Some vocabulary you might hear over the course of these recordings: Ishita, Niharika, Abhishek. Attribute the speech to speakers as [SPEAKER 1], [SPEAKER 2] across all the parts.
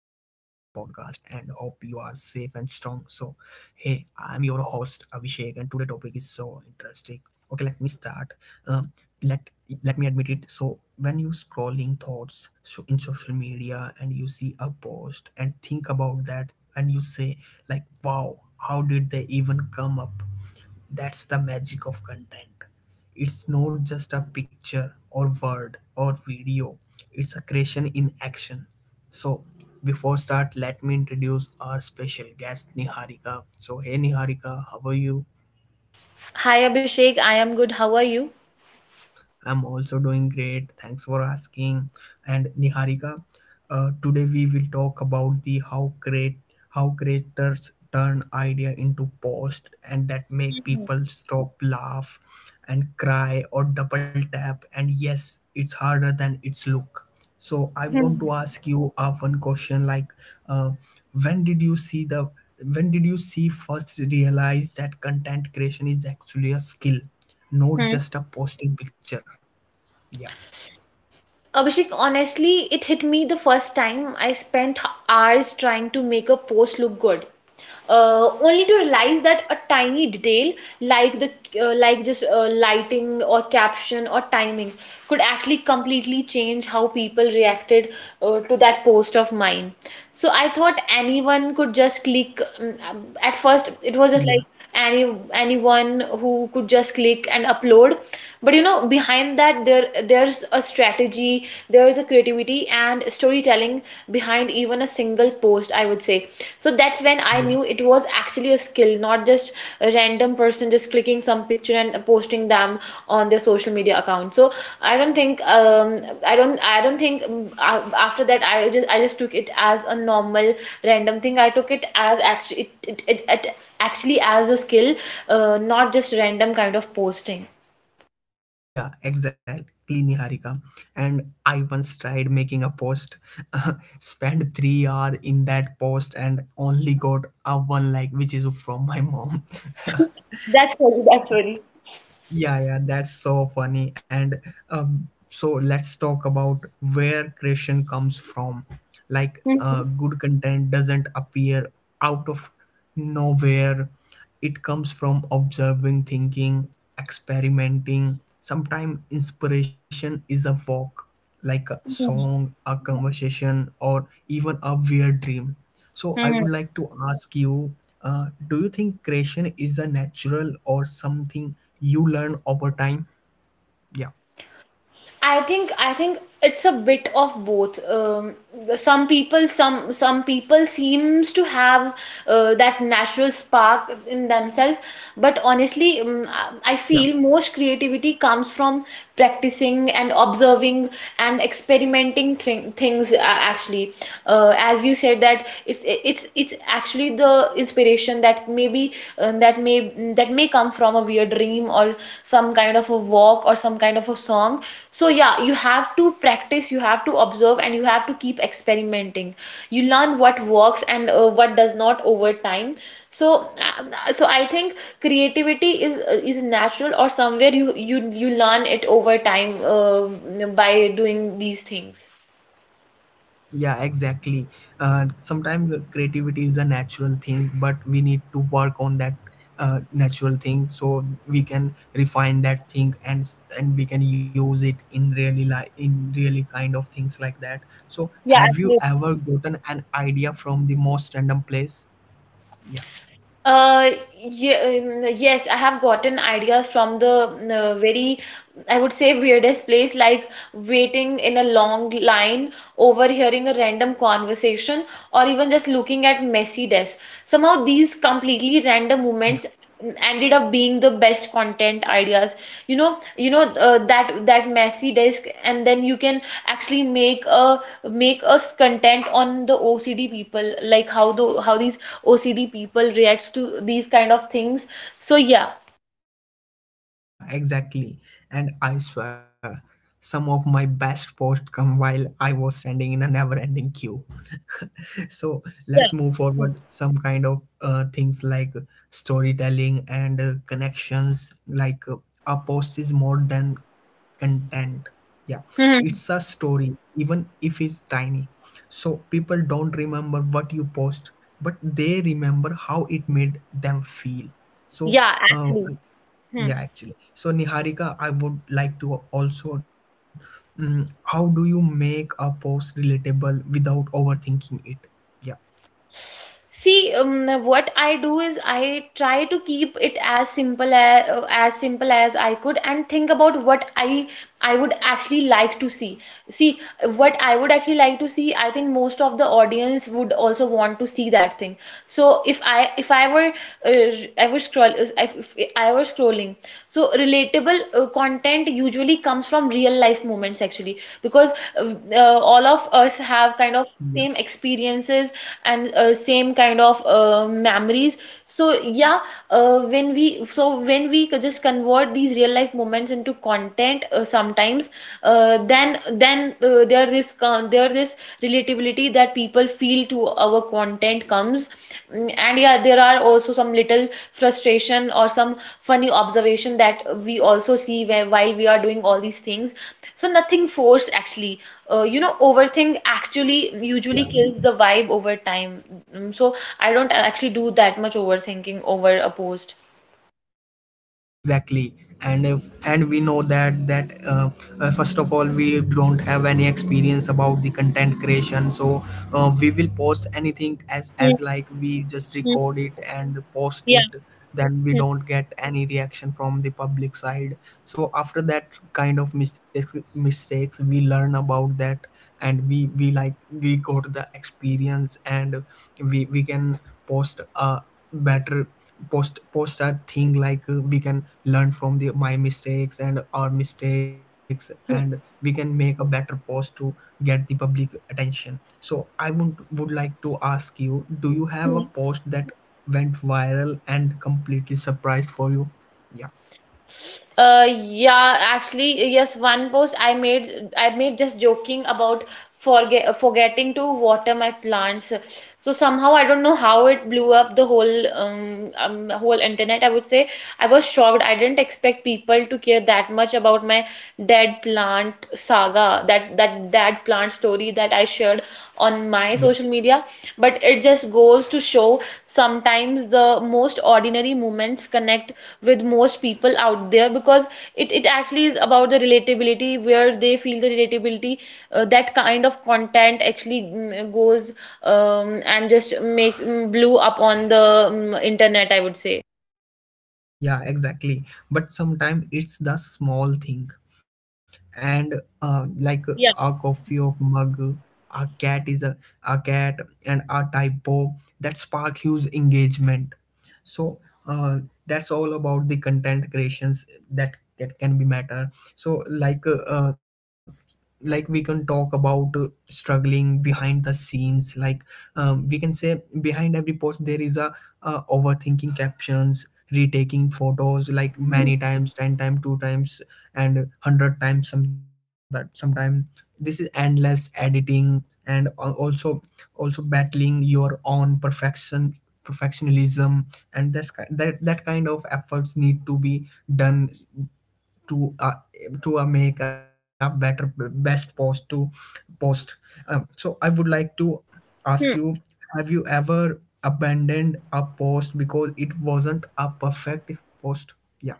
[SPEAKER 1] So, hey, I'm your host Abhishek, and today topic is so interesting. Okay, let me start. Um, let let me admit it. So, when you scrolling thoughts so in social media and you see a post and think about that, and you say like, wow, how did they even come up? That's the magic of content. It's not just a picture or word or video, it's a creation in action. So, before start, let me introduce our special guest Niharika. So, hey Niharika, how are you?
[SPEAKER 2] Hi Abhishek, I am good. How are you?
[SPEAKER 1] I'm also doing great. Thanks for asking. And Niharika, today we will talk about the how great how creators turn idea into post and that make people stop, laugh, and cry or double tap. And yes, it's harder than it's look. So I want to
[SPEAKER 2] Hmm,
[SPEAKER 1] ask you one question like uh, when did you see the when did you see first realize that content creation is actually a skill, not
[SPEAKER 2] hmm.
[SPEAKER 1] just a posting picture? Yeah.
[SPEAKER 2] Abhishek, honestly, it hit me the first time I spent hours trying to make a post look good, only to realize that a tiny detail like the like just lighting or caption or timing could actually completely change how people reacted to that post of mine. So I thought anyone could just click. At first, it was just
[SPEAKER 1] Yeah,
[SPEAKER 2] like anyone who could just click and upload, but you know behind that there's a strategy, there is a creativity and storytelling behind even a single post, I would say. So that's when I
[SPEAKER 1] yeah,
[SPEAKER 2] knew it was actually a skill, not just a random person just clicking some picture and posting them on their social media account. So i don't think um I don't I don't think after that I just took it as a normal random thing. I took it as actually it, it, it, it actually as a skill, not just random kind of posting.
[SPEAKER 1] yeah, exactly, Niharika. And I once tried making a post, spent 3 hours in that post, and only got a one like, which is from my mom.
[SPEAKER 2] That's funny. That's funny.
[SPEAKER 1] Yeah, yeah, that's so funny. And so let's talk about where creation comes from. Like,
[SPEAKER 2] Mhm.
[SPEAKER 1] good content doesn't appear out of nowhere, it comes from observing, thinking, experimenting. Sometimes inspiration is a walk, like a song, a conversation, or even a weird dream. So I
[SPEAKER 2] Hmm.
[SPEAKER 1] would like to ask you, do you think creation is a natural or something you learn over time? Yeah,
[SPEAKER 2] I think it's a bit of both. Some people seems to have that natural spark in themselves, but honestly, I
[SPEAKER 1] yeah,
[SPEAKER 2] feel most creativity comes from practicing and observing and experimenting things actually. As you said, that it's actually the inspiration that maybe that may come from a weird dream or some kind of a walk or some kind of a song. So yeah, you have to practice, you have to observe, and you have to keep experimenting. You learn what works and what does not over time. So so I think creativity is natural or somewhere you learn it over time by doing these things.
[SPEAKER 1] yeah, Exactly. Sometimes creativity is a natural thing, but we need to work on that natural thing so we can refine that thing and we can use it in really like in really kind of things like that. So
[SPEAKER 2] Yeah,
[SPEAKER 1] have you
[SPEAKER 2] absolutely.
[SPEAKER 1] ever gotten an idea from the most random place? Yeah.
[SPEAKER 2] Uh, yeah, yes, I have gotten ideas from the very, I would say, weirdest place, like waiting in a long line, overhearing a random conversation, or even just looking at messy desks. Somehow, these completely random moments ended up being the best content ideas. You know, that messy desk, and then you can actually make us content on the OCD people, like how these OCD people reacts to these kind of things. So yeah,
[SPEAKER 1] Yeah, exactly. And I swear, some of my best posts come while I was standing in a never-ending queue. So
[SPEAKER 2] yeah,
[SPEAKER 1] let's move forward. Some kind of things like storytelling and connections. Like a post is more than content. Yeah,
[SPEAKER 2] hmm,
[SPEAKER 1] it's a story, even if it's tiny. So people don't remember what you post, but they remember how it made them feel.
[SPEAKER 2] yeah,
[SPEAKER 1] So
[SPEAKER 2] actually,
[SPEAKER 1] uh,
[SPEAKER 2] hmm.
[SPEAKER 1] yeah, actually. So, Niharika, I would like to also, mm, how do you make a post relatable without overthinking it? Yeah,
[SPEAKER 2] See, what I do is I try to keep it as simple as simple as I could and think about what I would actually like to see. See, what I would actually like to see, I think most of the audience would also want to see that thing. So if I were uh, I was scroll if I were scrolling, so relatable content usually comes from real life moments, actually, because uh, uh, all of us have kind of same
[SPEAKER 1] yeah,
[SPEAKER 2] experiences and same kind of memories. So yeah, when we, so when we just convert these real life moments into content, sometimes then there this relatability that people feel to our content comes. Mm, and yeah, there are also some little frustration or some funny observation that we also see where, while we are doing all these things, so nothing forced, actually. You know, overthink actually usually
[SPEAKER 1] yeah.
[SPEAKER 2] kills the vibe over time. Mm, so I don't actually do that much overthinking over a post.
[SPEAKER 1] exactly And if, and we know that that first of all we don't have any experience about the content creation, so we will post anything
[SPEAKER 2] Hmm,
[SPEAKER 1] as like we just
[SPEAKER 2] hmm,
[SPEAKER 1] record it and post
[SPEAKER 2] yeah.
[SPEAKER 1] it, then
[SPEAKER 2] Hmm,
[SPEAKER 1] we don't get any reaction from the public side. So after that kind of mistakes we learn about that, and we like we got the experience and we can post a better post, a thing like we can learn from the my mistakes and our mistakes, and we
[SPEAKER 2] hmm,
[SPEAKER 1] can make a better post to get the public attention. So I would like to ask you, do you have a
[SPEAKER 2] hmm.
[SPEAKER 1] post that went viral and completely surprised for you? Yeah.
[SPEAKER 2] Yeah, actually, yes, one post I made just joking about forgetting to water my plants. So somehow I don't know how it blew up the whole whole internet, I would say. I was shocked. I didn't expect people to care that much about my dead plant saga, that plant story that I shared on
[SPEAKER 1] yeah
[SPEAKER 2] my social media. But it just goes to show sometimes the most ordinary moments connect with most people out there because it actually is about the relatability, where they feel the relatability, that kind of content actually mm, goes and just make mm, blew up on the mm, internet, I would say.
[SPEAKER 1] yeah exactly. But sometimes it's the small thing and like a
[SPEAKER 2] Yeah.
[SPEAKER 1] coffee or mug, a cat is a, a cat and a typo that spark huge engagement. So uh, that's all about the content creations that that can be matter. So like we can talk about struggling behind the scenes, like we can say behind every post there is a overthinking captions, retaking photos like many times, 10 times, 2 times, and 100 times sometime. This is endless editing and also also battling your own perfectionism, and that's ki- that that kind of efforts need to be done to uh, to make a better best post to post. So I would like to ask you, have you ever abandoned a post because it wasn't a perfect post? Yeah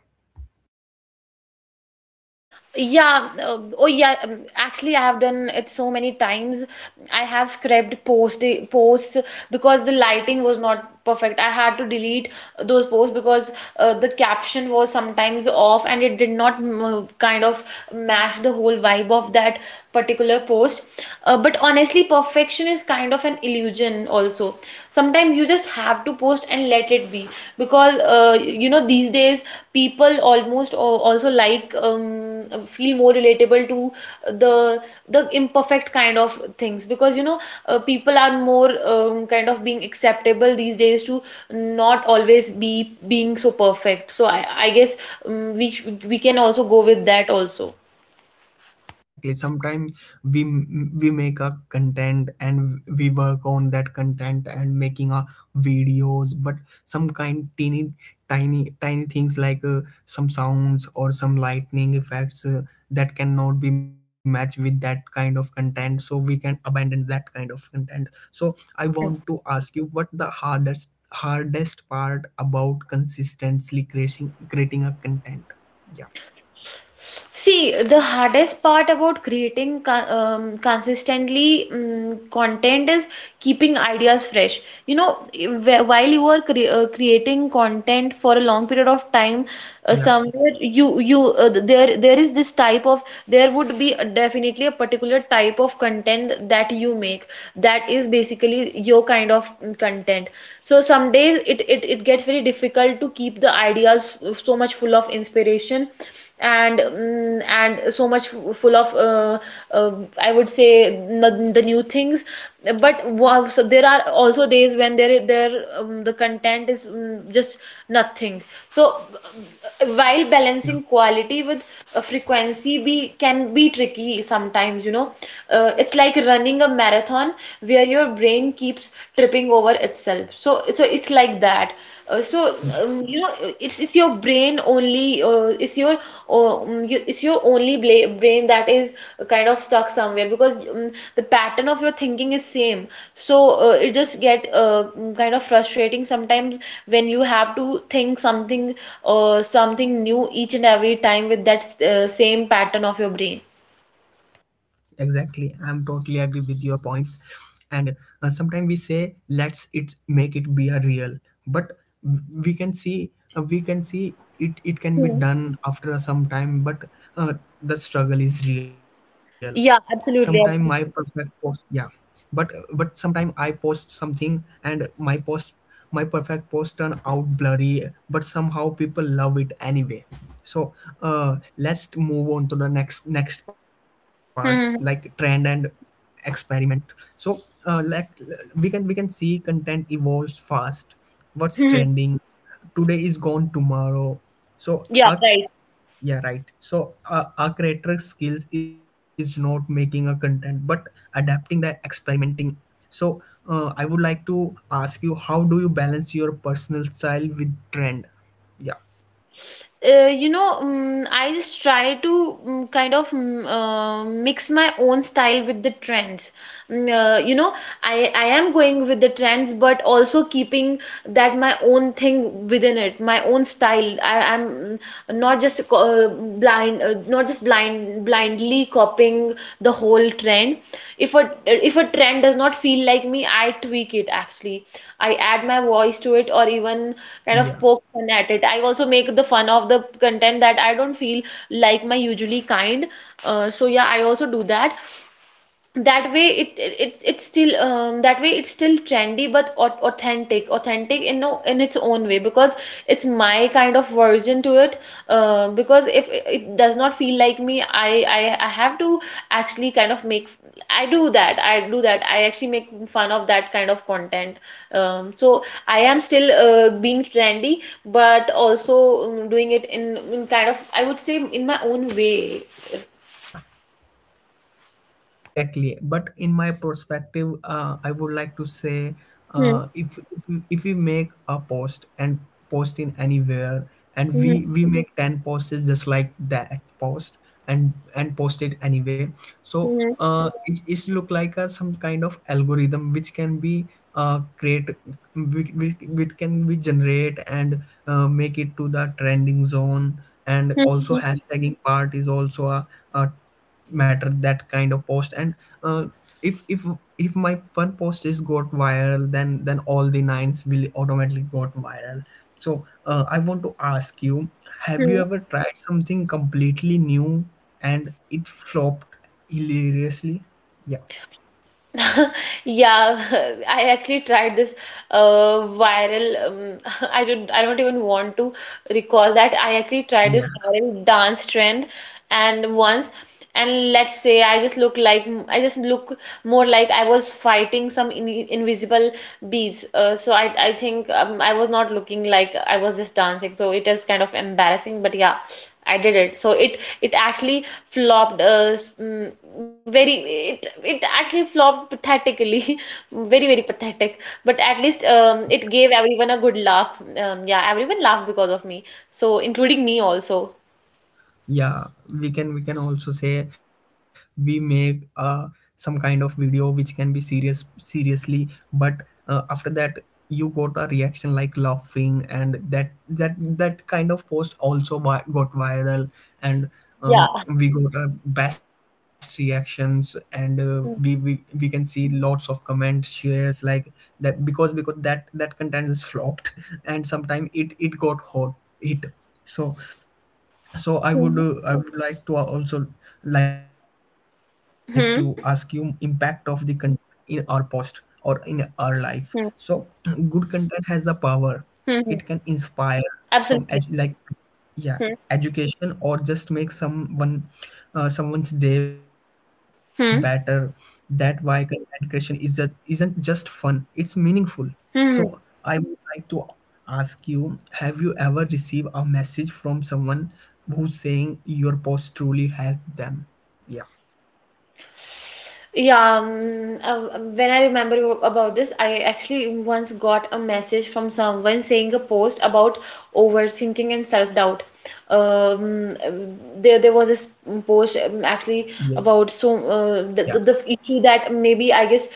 [SPEAKER 2] Yeah,
[SPEAKER 1] in
[SPEAKER 2] oh
[SPEAKER 1] America.
[SPEAKER 2] yeah, actually I have done it so many times. I have scrapped posts because the lighting was not perfect. I had to delete those posts because the caption was sometimes off and it did not mm, kind of match the whole vibe of that particular post. But honestly, perfection is kind of an illusion also. Sometimes you just have to post and let it be, because you know, these days people also like feel more relatable to the the imperfect kind of things, because you know, people are more kind of being acceptable these days to not always be being so perfect. So I guess we can also go with that also.
[SPEAKER 1] Yeah, exactly. Sometimes we we make a content and we work on that content and making a videos, but some kind teeny tiny things like some sounds or some lightning effects that cannot be matched with that kind of content, so we can abandon that kind of content. So I
[SPEAKER 2] Hmm.
[SPEAKER 1] want to ask you, what the hardest hardest part about consistently creating creating a content? yeah
[SPEAKER 2] See, the hardest part about creating consistently content is keeping ideas fresh. You know, while you are creating content for a long period of time,
[SPEAKER 1] yeah
[SPEAKER 2] somewhere you you th- there is this type of, there would be definitely a particular type of content that you make that is basically your kind of mm, content. So some days it gets very difficult to keep the ideas so much full of inspiration and mm, and so much full of uh, I would say the new things. But wow, so there are also days when there the content is mm, just nothing. So while
[SPEAKER 1] yeah
[SPEAKER 2] balancing quality with frequency, be can be tricky sometimes, you know, it's like running a marathon where your brain keeps tripping over itself, so so it's like that. uh, so you know, it's your brain only, it's your only bla brain that is kind of stuck somewhere because the pattern of your thinking is same. So it just get mm, kind of frustrating sometimes when you have to think something something new each and every time with that same pattern of your brain.
[SPEAKER 1] Exactly, I'm totally agree with your points. And sometimes we say let's it make it be a real, but we can see it it can be
[SPEAKER 2] Hmm.
[SPEAKER 1] done after some time. But uh, the struggle is real. Sometime
[SPEAKER 2] Yeah,
[SPEAKER 1] my
[SPEAKER 2] absolutely.
[SPEAKER 1] perfect
[SPEAKER 2] Absolutely.
[SPEAKER 1] post, yeah, but sometime I post something and my post, my perfect post turn out blurry, but somehow people love it anyway. So let's move on to the next next part like trend and
[SPEAKER 2] Hmm.
[SPEAKER 1] experiment. So like we can see content evolves fast, what's
[SPEAKER 2] Hmm, hmm.
[SPEAKER 1] trending today is gone tomorrow. So
[SPEAKER 2] Yeah,
[SPEAKER 1] our
[SPEAKER 2] right.
[SPEAKER 1] yeah, right. So our creator skills is not making a content, but adapting the experimenting. So I would like to ask you, how do you balance your personal style with trend? Yeah,
[SPEAKER 2] You know, I just try to mix my own style with the trends. Mm. You know, I am going with the trends, but also keeping that my own thing within it, my own style. I am not just blindly copying the whole trend. If a if a trend does not feel like me, I tweak it, actually. I add my voice to it or even kind of poke
[SPEAKER 1] yeah,
[SPEAKER 2] fun at it. I also make the fun of the content that I don't feel like my usually kind. So yeah, I also do that. It it's still that way it's still trendy but authentic, authentic in no in its own way, because it's my kind of version to it. Because if it does not feel like me, I, I have to actually kind of make I do that I do that I actually make fun of that kind of content. So I am still being trendy but also doing it in kind of, I would say, in my own way.
[SPEAKER 1] yeah. Exactly. But in my perspective, I would like to say
[SPEAKER 2] Hmm.
[SPEAKER 1] if we make a post and post in anywhere,
[SPEAKER 2] Hmm.
[SPEAKER 1] and we make 10 posts just like that post and post it anyway. So
[SPEAKER 2] Hmm.
[SPEAKER 1] it, it's look like a some kind of algorithm which can be create, which can be generate and make it to the trending zone. And also
[SPEAKER 2] Hmm.
[SPEAKER 1] hashtagging part is also a matter that kind of post. And uh, if if if my one post is got viral, then all the nines will automatically got viral. So I want to ask you, have you
[SPEAKER 2] Hmm.
[SPEAKER 1] ever tried something completely new and it flopped hilariously? yeah
[SPEAKER 2] Yeah, I actually tried this viral. I don't even want to recall that. I actually tried this viral dance trend, and once, and let's say I just look more like I was fighting some in invisible bees. So I think I was not looking like I was just dancing. So it is kind of embarrassing. But yeah, I did it. So it actually flopped mm, very, it actually flopped pathetically, very very pathetic. But at least it gave everyone a good laugh. Yeah, everyone laughed because of me. So including me also.
[SPEAKER 1] yeah We can we can also say we make some kind of video which can be serious seriously, but after that you got a reaction like laughing, and that that kind of post also got viral. And
[SPEAKER 2] Yeah.
[SPEAKER 1] we got best reactions and
[SPEAKER 2] Hmm.
[SPEAKER 1] we can see lots of comments shares like that, because that that content is flopped and sometimes it it got hot hit. So so I would like to also like to ask you impact
[SPEAKER 2] Hmm.
[SPEAKER 1] of the content in our post or in our life. So
[SPEAKER 2] Hmm.
[SPEAKER 1] good content has a power. It can
[SPEAKER 2] Hmm.
[SPEAKER 1] inspire from
[SPEAKER 2] Absolutely.
[SPEAKER 1] like yeah
[SPEAKER 2] Hmm.
[SPEAKER 1] education or just make someone someone's day better.
[SPEAKER 2] Hmm.
[SPEAKER 1] That why content creation is just isn't just fun, it's meaningful. So
[SPEAKER 2] Hmm.
[SPEAKER 1] I would like to ask you, have you ever received a message from someone who's saying your post truly helped them? Yeah.
[SPEAKER 2] Yeah, when I remember about this, I actually once got a message from someone saying a post about overthinking and self-doubt. Um, uh, there was this post actually
[SPEAKER 1] Yeah.
[SPEAKER 2] about so the issue that maybe I guess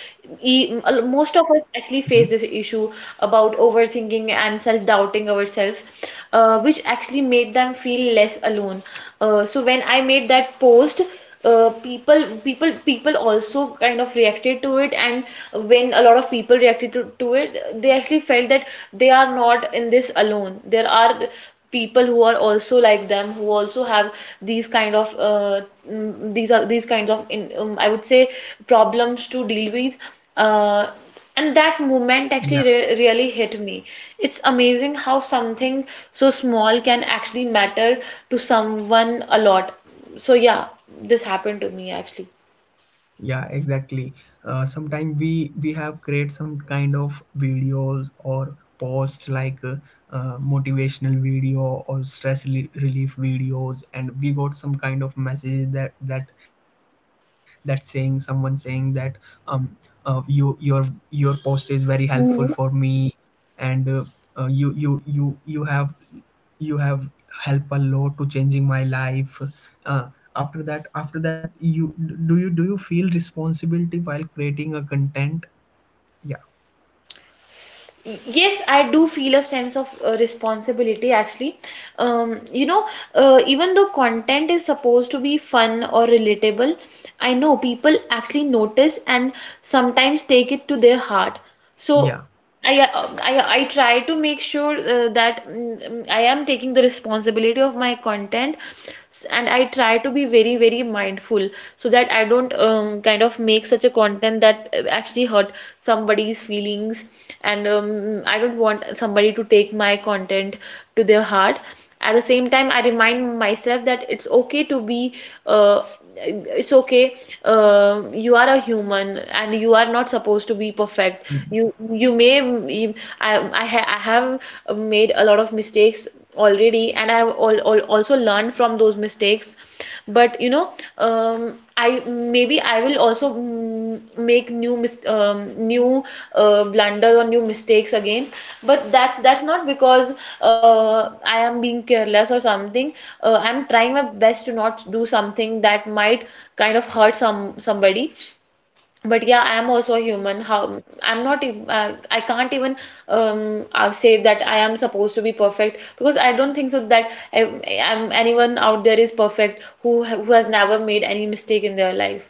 [SPEAKER 2] e most of
[SPEAKER 1] Mhm.
[SPEAKER 2] us actually face this issue about overthinking and self-doubting ourselves, which actually made them feel less alone. So when I made that post. People also kind of reacted to it, and when a lot of people reacted to it, they actually felt that they are not in this alone. There are people who are also like them, who also have these kind of these kinds of I would say problems to deal with, uh, and that movement
[SPEAKER 1] Yeah.
[SPEAKER 2] actually re really hit me. It's amazing how something so small can actually matter to someone a lot. So yeah, this happened to me actually.
[SPEAKER 1] Yeah, exactly. Uh, sometimes we have create some kind of videos or posts like motivational video or stress relief videos, and we got some kind of message that that that saying someone saying that um you your post is very helpful for me, and uh, you you you you have you have helped a lot to changing my life. uh, After that after that you, do you do you feel responsibility while creating a content? yeah
[SPEAKER 2] Yes, I do feel a sense of responsibility actually. You know, even though content is supposed to be fun or relatable, I know people actually notice and sometimes take it to their heart. So
[SPEAKER 1] yeah
[SPEAKER 2] I, I try to make sure that I am taking the responsibility of my content and I try to be very, very mindful so that I don't kind of make such a content that actually hurt somebody's feelings, and I don't want somebody to take my content to their heart. At the same time, I remind myself that uh, it's okay. You are a human, and you are not supposed to be perfect. You may you, I, ha I have made a lot of mistakes already, and I have also learned from those mistakes. But you know, I maybe I will also make new blunder or new mistakes again. But that's not because I am being careless or something. I'm trying my best to not do something that might kind of hurt somebody. But yeah, I am also a human. How I'm not, ev- I can't even say that I am supposed to be perfect, because I don't think so that I, am anyone out there is perfect who who has never made any mistake in their life.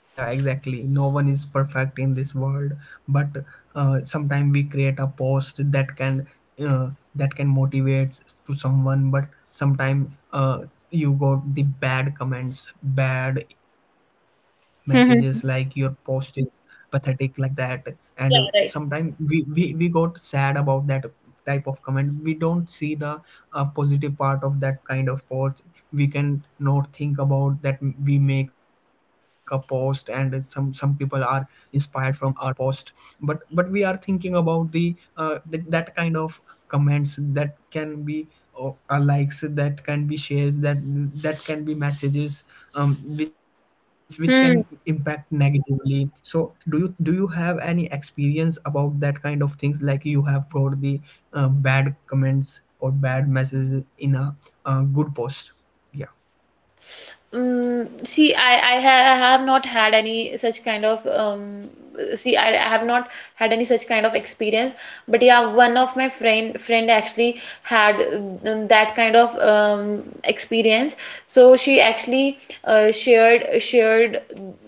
[SPEAKER 1] Yeah, exactly. No one is perfect in this world, but sometimes we create a post that can motivate to someone, but sometimes you got the bad comments, bad messages like your post is pathetic like that. And sometimes we got sad about that type of comment, we don't see the positive part of that kind of post. We can not think about that we make a post and some people are inspired from our post, but we are thinking about the that kind of comments that can be, or likes that can be, shares that that can be, messages which can
[SPEAKER 2] Yeah,
[SPEAKER 1] impact
[SPEAKER 2] right.
[SPEAKER 1] negatively. So do you have any experience about that kind of things, like you have got the bad comments or bad messages in a good post? Yeah
[SPEAKER 2] See, I have not had any such kind of See, I have not had any such kind of experience, but yeah, one of my friend actually had that kind of experience. So she actually shared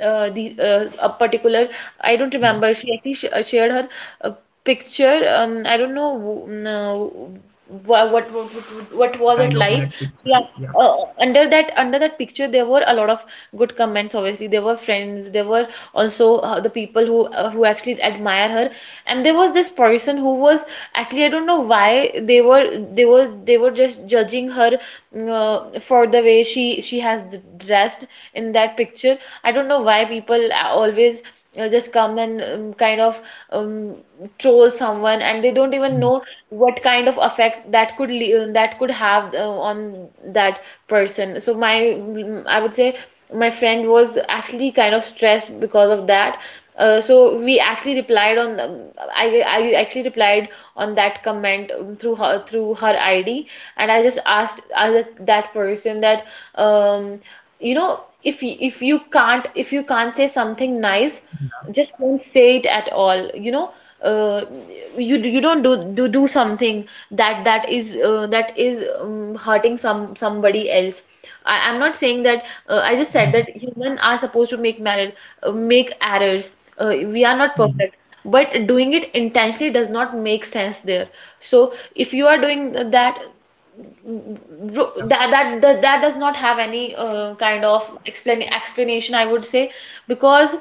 [SPEAKER 2] the a particular— I don't
[SPEAKER 1] yeah
[SPEAKER 2] remember. She actually sh shared her uh, picture. I don't know. mm, uh, what
[SPEAKER 1] what
[SPEAKER 2] was it
[SPEAKER 1] kind of
[SPEAKER 2] like.
[SPEAKER 1] that picture
[SPEAKER 2] Yeah,
[SPEAKER 1] yeah
[SPEAKER 2] under that picture there were a lot of good comments. Obviously there were friends, there were also the people who actually admire her, and there was this person who was actually— I don't know why they were just judging her for the way she has dressed in that picture. I don't know why people always just come and kind of um, troll someone, and they don't even know
[SPEAKER 1] yeah
[SPEAKER 2] what kind of effect that could le that could have on that person. So I would say my friend was actually kind of stressed because of that. So we actually replied on I actually replied on that comment through her ID, and I just asked that that person that um, you know, if you can't— if you can't say something nice,
[SPEAKER 1] yeah
[SPEAKER 2] just don't say it at all, you know. uh, you don't do something that is that is hurting somebody else. I'm not saying that— I just said
[SPEAKER 1] Hmm.
[SPEAKER 2] that human are supposed to make merit, make errors. We are
[SPEAKER 1] Hmm.
[SPEAKER 2] not perfect, but doing it intentionally does not make sense there. So if you are doing that,
[SPEAKER 1] yeah
[SPEAKER 2] that does not have any kind of explain explanation, I would say, because,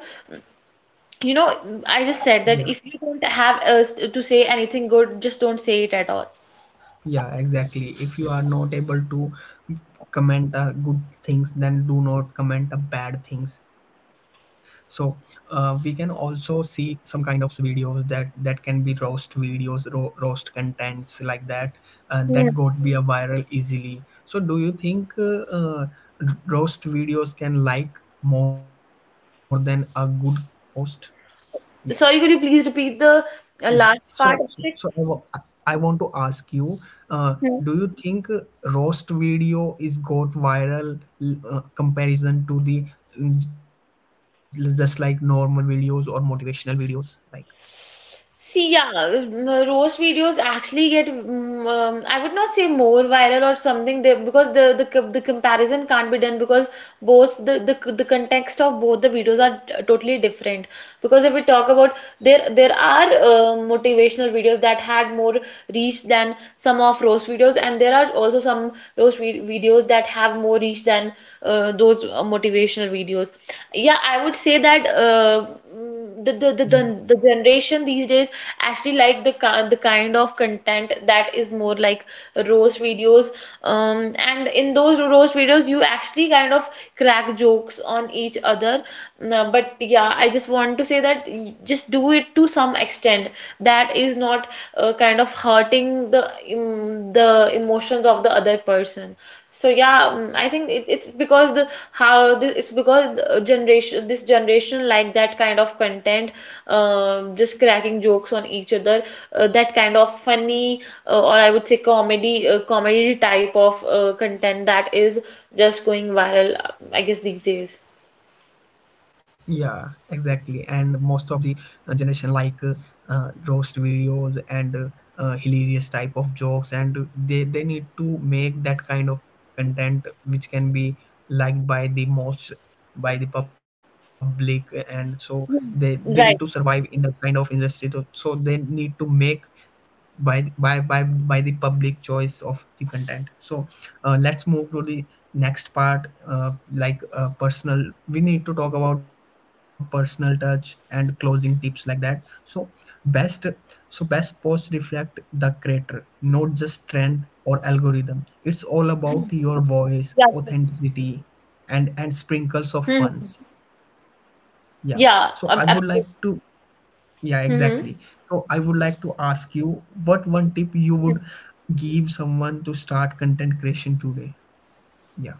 [SPEAKER 2] you know, I just said that
[SPEAKER 1] yeah
[SPEAKER 2] if you don't have to say anything good, just don't say it at all.
[SPEAKER 1] Yeah, exactly. If you are not able to comment good things, then do not comment bad things. So we can also see some kind of videos that that can be roast videos, roast contents like that
[SPEAKER 2] Hmm.
[SPEAKER 1] that got be a viral easily. So do you think roast videos can like more than a good post? Yeah.
[SPEAKER 2] Sorry, could you please repeat the
[SPEAKER 1] Yeah.
[SPEAKER 2] last
[SPEAKER 1] So,
[SPEAKER 2] part
[SPEAKER 1] so,
[SPEAKER 2] of
[SPEAKER 1] so I,
[SPEAKER 2] it?
[SPEAKER 1] wa- I want to ask you, uh, do you think roast video is got viral comparison to the just like normal videos or motivational videos? Like,
[SPEAKER 2] See, yeah, roast videos actually get, I would not say more viral or something, because the comparison can't be done, because both the the context of both the videos are totally different. Because if we talk about, there are motivational videos that had more reach than some of roast videos, and there are also some roast vi videos that have more reach than those motivational videos. Yeah, I would say that
[SPEAKER 1] yeah.
[SPEAKER 2] the generation these days actually like the kind of content that is more like roast videos. And in those roast videos, you actually kind of crack jokes on each other. No, but yeah, I just want to say that just do it to some extent that is not kind of hurting the emotions of the other person. So yeah, I think it's because the generation this generation like that kind of content, just cracking jokes on each other, that kind of funny— or I would say comedy— type of content that is just going viral, I guess these days.
[SPEAKER 1] Yeah, exactly. And most of the generation like roast videos and hilarious type of jokes, and they need to make that kind of content which can be liked by the most by the public, and so they need to
[SPEAKER 2] Right.
[SPEAKER 1] survive in that kind of industry. So they need to make by the public choice of the content. So let's move to the next part, like personal we need to talk about personal touch and closing tips like that. So best best posts reflect the creator, not just trend or algorithm. It's all about your voice,
[SPEAKER 2] Yeah.
[SPEAKER 1] authenticity, and sprinkles of
[SPEAKER 2] Mhm.
[SPEAKER 1] funs. Yeah, so I would like
[SPEAKER 2] Yeah.
[SPEAKER 1] to,
[SPEAKER 2] Absolutely.
[SPEAKER 1] yeah, exactly.
[SPEAKER 2] Hmm.
[SPEAKER 1] So I would like to ask you, what one tip you would give someone to start content creation today? Yeah.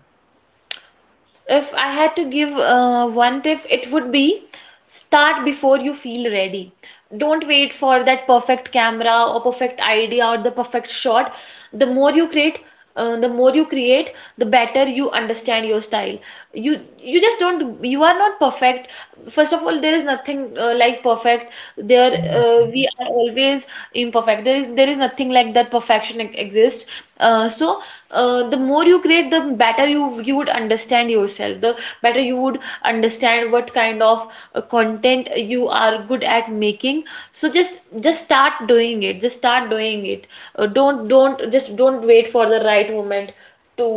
[SPEAKER 2] If I had to give one tip, it would be: start before you feel ready. Don't wait for that perfect camera or perfect idea or the perfect shot. The more you create, the more you create, the better you understand your style. You just don't You are not perfect. First of all, there is nothing like perfect. There We are always imperfect. There is nothing like that. Perfection exists. uh, so the more you create, the better you would understand yourself. The better you would understand what kind of content you are good at making. So just start doing it. Just start doing it. Don't— just don't wait for the right moment to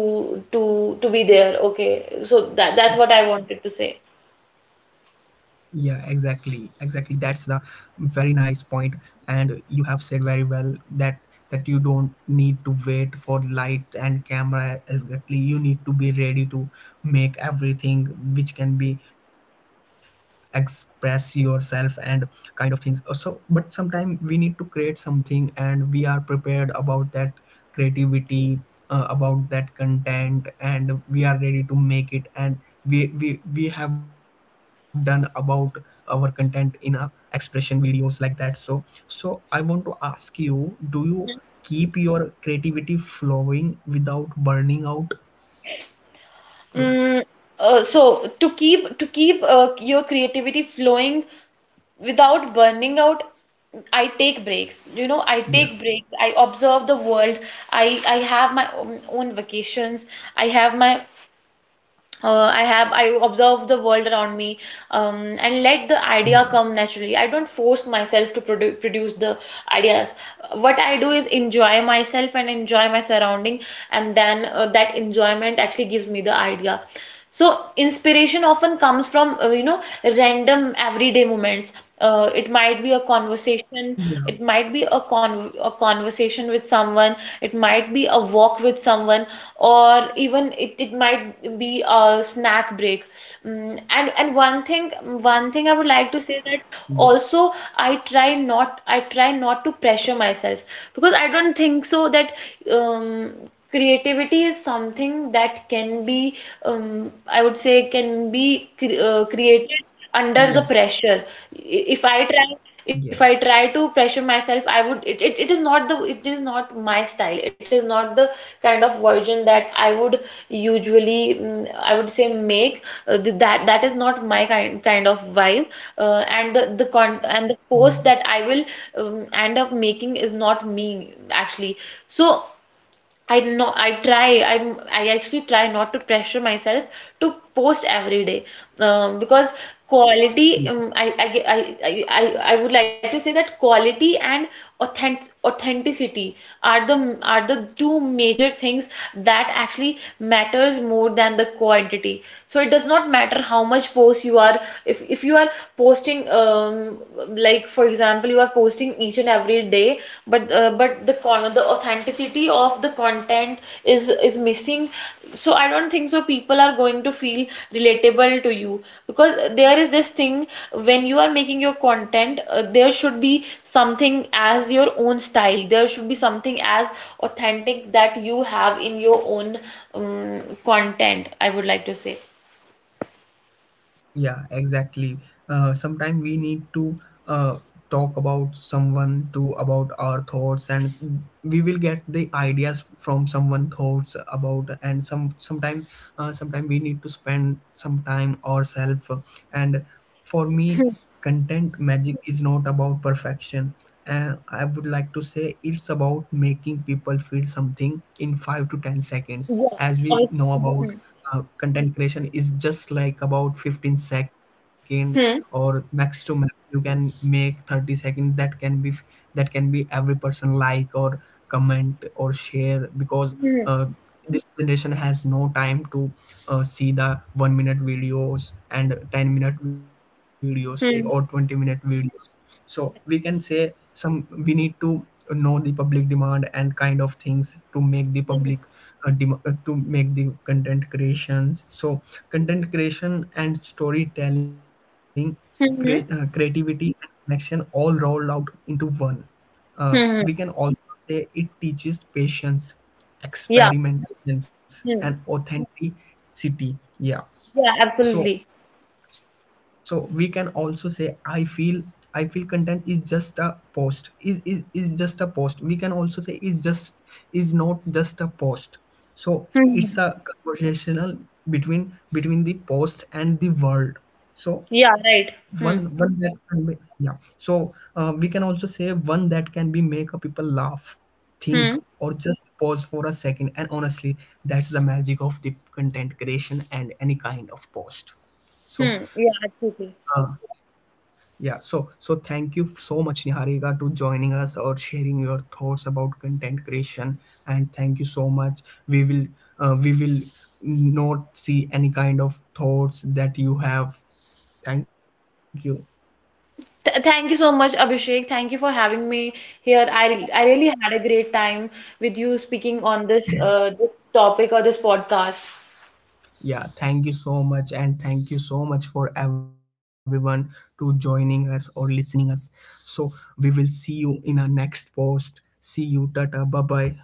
[SPEAKER 2] to to be there. Okay, so that that's what I wanted to say.
[SPEAKER 1] Yeah, exactly. Exactly. That's the very nice point. And you have said very well that that you don't need to wait for light and camera, exactly. You need to be ready to make everything which can be express yourself and kind of things. So but sometimes we need to create something and we are prepared about that creativity, about that content, and we are ready to make it, and we have done about our content in a expression videos like that. So so I want to ask you, do you keep your creativity flowing without burning out? Yeah,
[SPEAKER 2] Mm, so to keep your creativity flowing without burning out, I take breaks. You know, I
[SPEAKER 1] yeah,
[SPEAKER 2] take breaks. I observe the world. I have my own vacations. I have my— I observe the world around me,
[SPEAKER 1] yeah,
[SPEAKER 2] and let the idea come naturally. I don't force myself to produce the ideas. What I do is enjoy myself and enjoy my surrounding, and then that enjoyment actually gives me the idea. So inspiration often comes from, you know, random everyday moments. It might be a
[SPEAKER 1] yeah,
[SPEAKER 2] conversation, it might be a con a conversation with someone, it might be a walk with someone, or even it might be a snack break. And one thing I would like
[SPEAKER 1] yeah,
[SPEAKER 2] to say that also I try not to pressure myself, because I don't think so that creativity is something that can be— I would say can be created
[SPEAKER 1] yeah,
[SPEAKER 2] under the pressure.
[SPEAKER 1] yeah,
[SPEAKER 2] If I try to pressure myself, I would it it, it is not the it is not my style. It is not the kind of version that I would usually— I would say make. That that is not my kind kind of vibe, and the post that I will end up making is not me actually. So I not I try I'm I actually try not to pressure myself to post every day, because—
[SPEAKER 1] yeah.
[SPEAKER 2] quality I ge- I would like to say that quality and authenticity are the two major things that actually matters more than the quantity. So it does not matter how much post you are, if you are posting— like for example you are posting each and every day, but the authenticity of the content is missing, so I don't think so people are going to feel relatable to you. Because there is this thing: when you are making your content, there should be something as your own style, there should be something as authentic that you have in your own content, I would like to say.
[SPEAKER 1] Yeah, exactly. Sometimes we need to uh, talk about someone to about our thoughts, and we will get the ideas from someone thoughts about. And sometime we need to spend some time ourselves. And for me,
[SPEAKER 2] Hmm.
[SPEAKER 1] content magic is not about perfection. I would like to say it's about making people feel something in 5 to 10 seconds.
[SPEAKER 2] Yeah,
[SPEAKER 1] As
[SPEAKER 2] obviously.
[SPEAKER 1] we know
[SPEAKER 2] Hmm.
[SPEAKER 1] about, content creation is just like about 15 second,
[SPEAKER 2] Hmm.
[SPEAKER 1] or max to max you can make 30 second, that can be every person like or comment or share. Because
[SPEAKER 2] Hmm.
[SPEAKER 1] uh, this generation has no time to see the 1 minute videos and 10-minute videos, or 20
[SPEAKER 2] Hmm.
[SPEAKER 1] minute videos. So we can say some, we need to know the public demand and kind of things to make the public, to make the content creations. So content creation and storytelling,
[SPEAKER 2] Hmm. Hmm.
[SPEAKER 1] creativity and connection, all rolled out into one. We can
[SPEAKER 2] Hmm.
[SPEAKER 1] also say it teaches patience,
[SPEAKER 2] Yeah.
[SPEAKER 1] experimentations, and
[SPEAKER 2] Hmm.
[SPEAKER 1] authenticity. Yeah.
[SPEAKER 2] Yeah,
[SPEAKER 1] So
[SPEAKER 2] absolutely.
[SPEAKER 1] so we can also say, I feel, I feel content is just a post is just a post we can also say is just is not just a post. So it's
[SPEAKER 2] Hmm.
[SPEAKER 1] a conversational between the post and the world. So
[SPEAKER 2] Yeah,
[SPEAKER 1] one
[SPEAKER 2] right.
[SPEAKER 1] one that
[SPEAKER 2] Hmm.
[SPEAKER 1] can be, yeah. So we can also say, one that can be make a people laugh, think,
[SPEAKER 2] Hmm.
[SPEAKER 1] or just pause for a second. And honestly, that's the magic of the content creation and any kind of post. So,
[SPEAKER 2] Hmm. Yeah,
[SPEAKER 1] uh,
[SPEAKER 2] absolutely.
[SPEAKER 1] yeah, so so thank you so much, Niharika, to joining us or sharing your thoughts about content creation. And thank you so much. We will uh, we will not see any kind of thoughts that you have. Thank you.
[SPEAKER 2] Th Thank you so much, Abhishek. Thank you for having me here. I really had a great time with you speaking on this this topic or this podcast.
[SPEAKER 1] Yeah, thank you so much, and thank you so much for everyone to joining us or listening us. So we will see you in our next post. See you, tata, bye bye.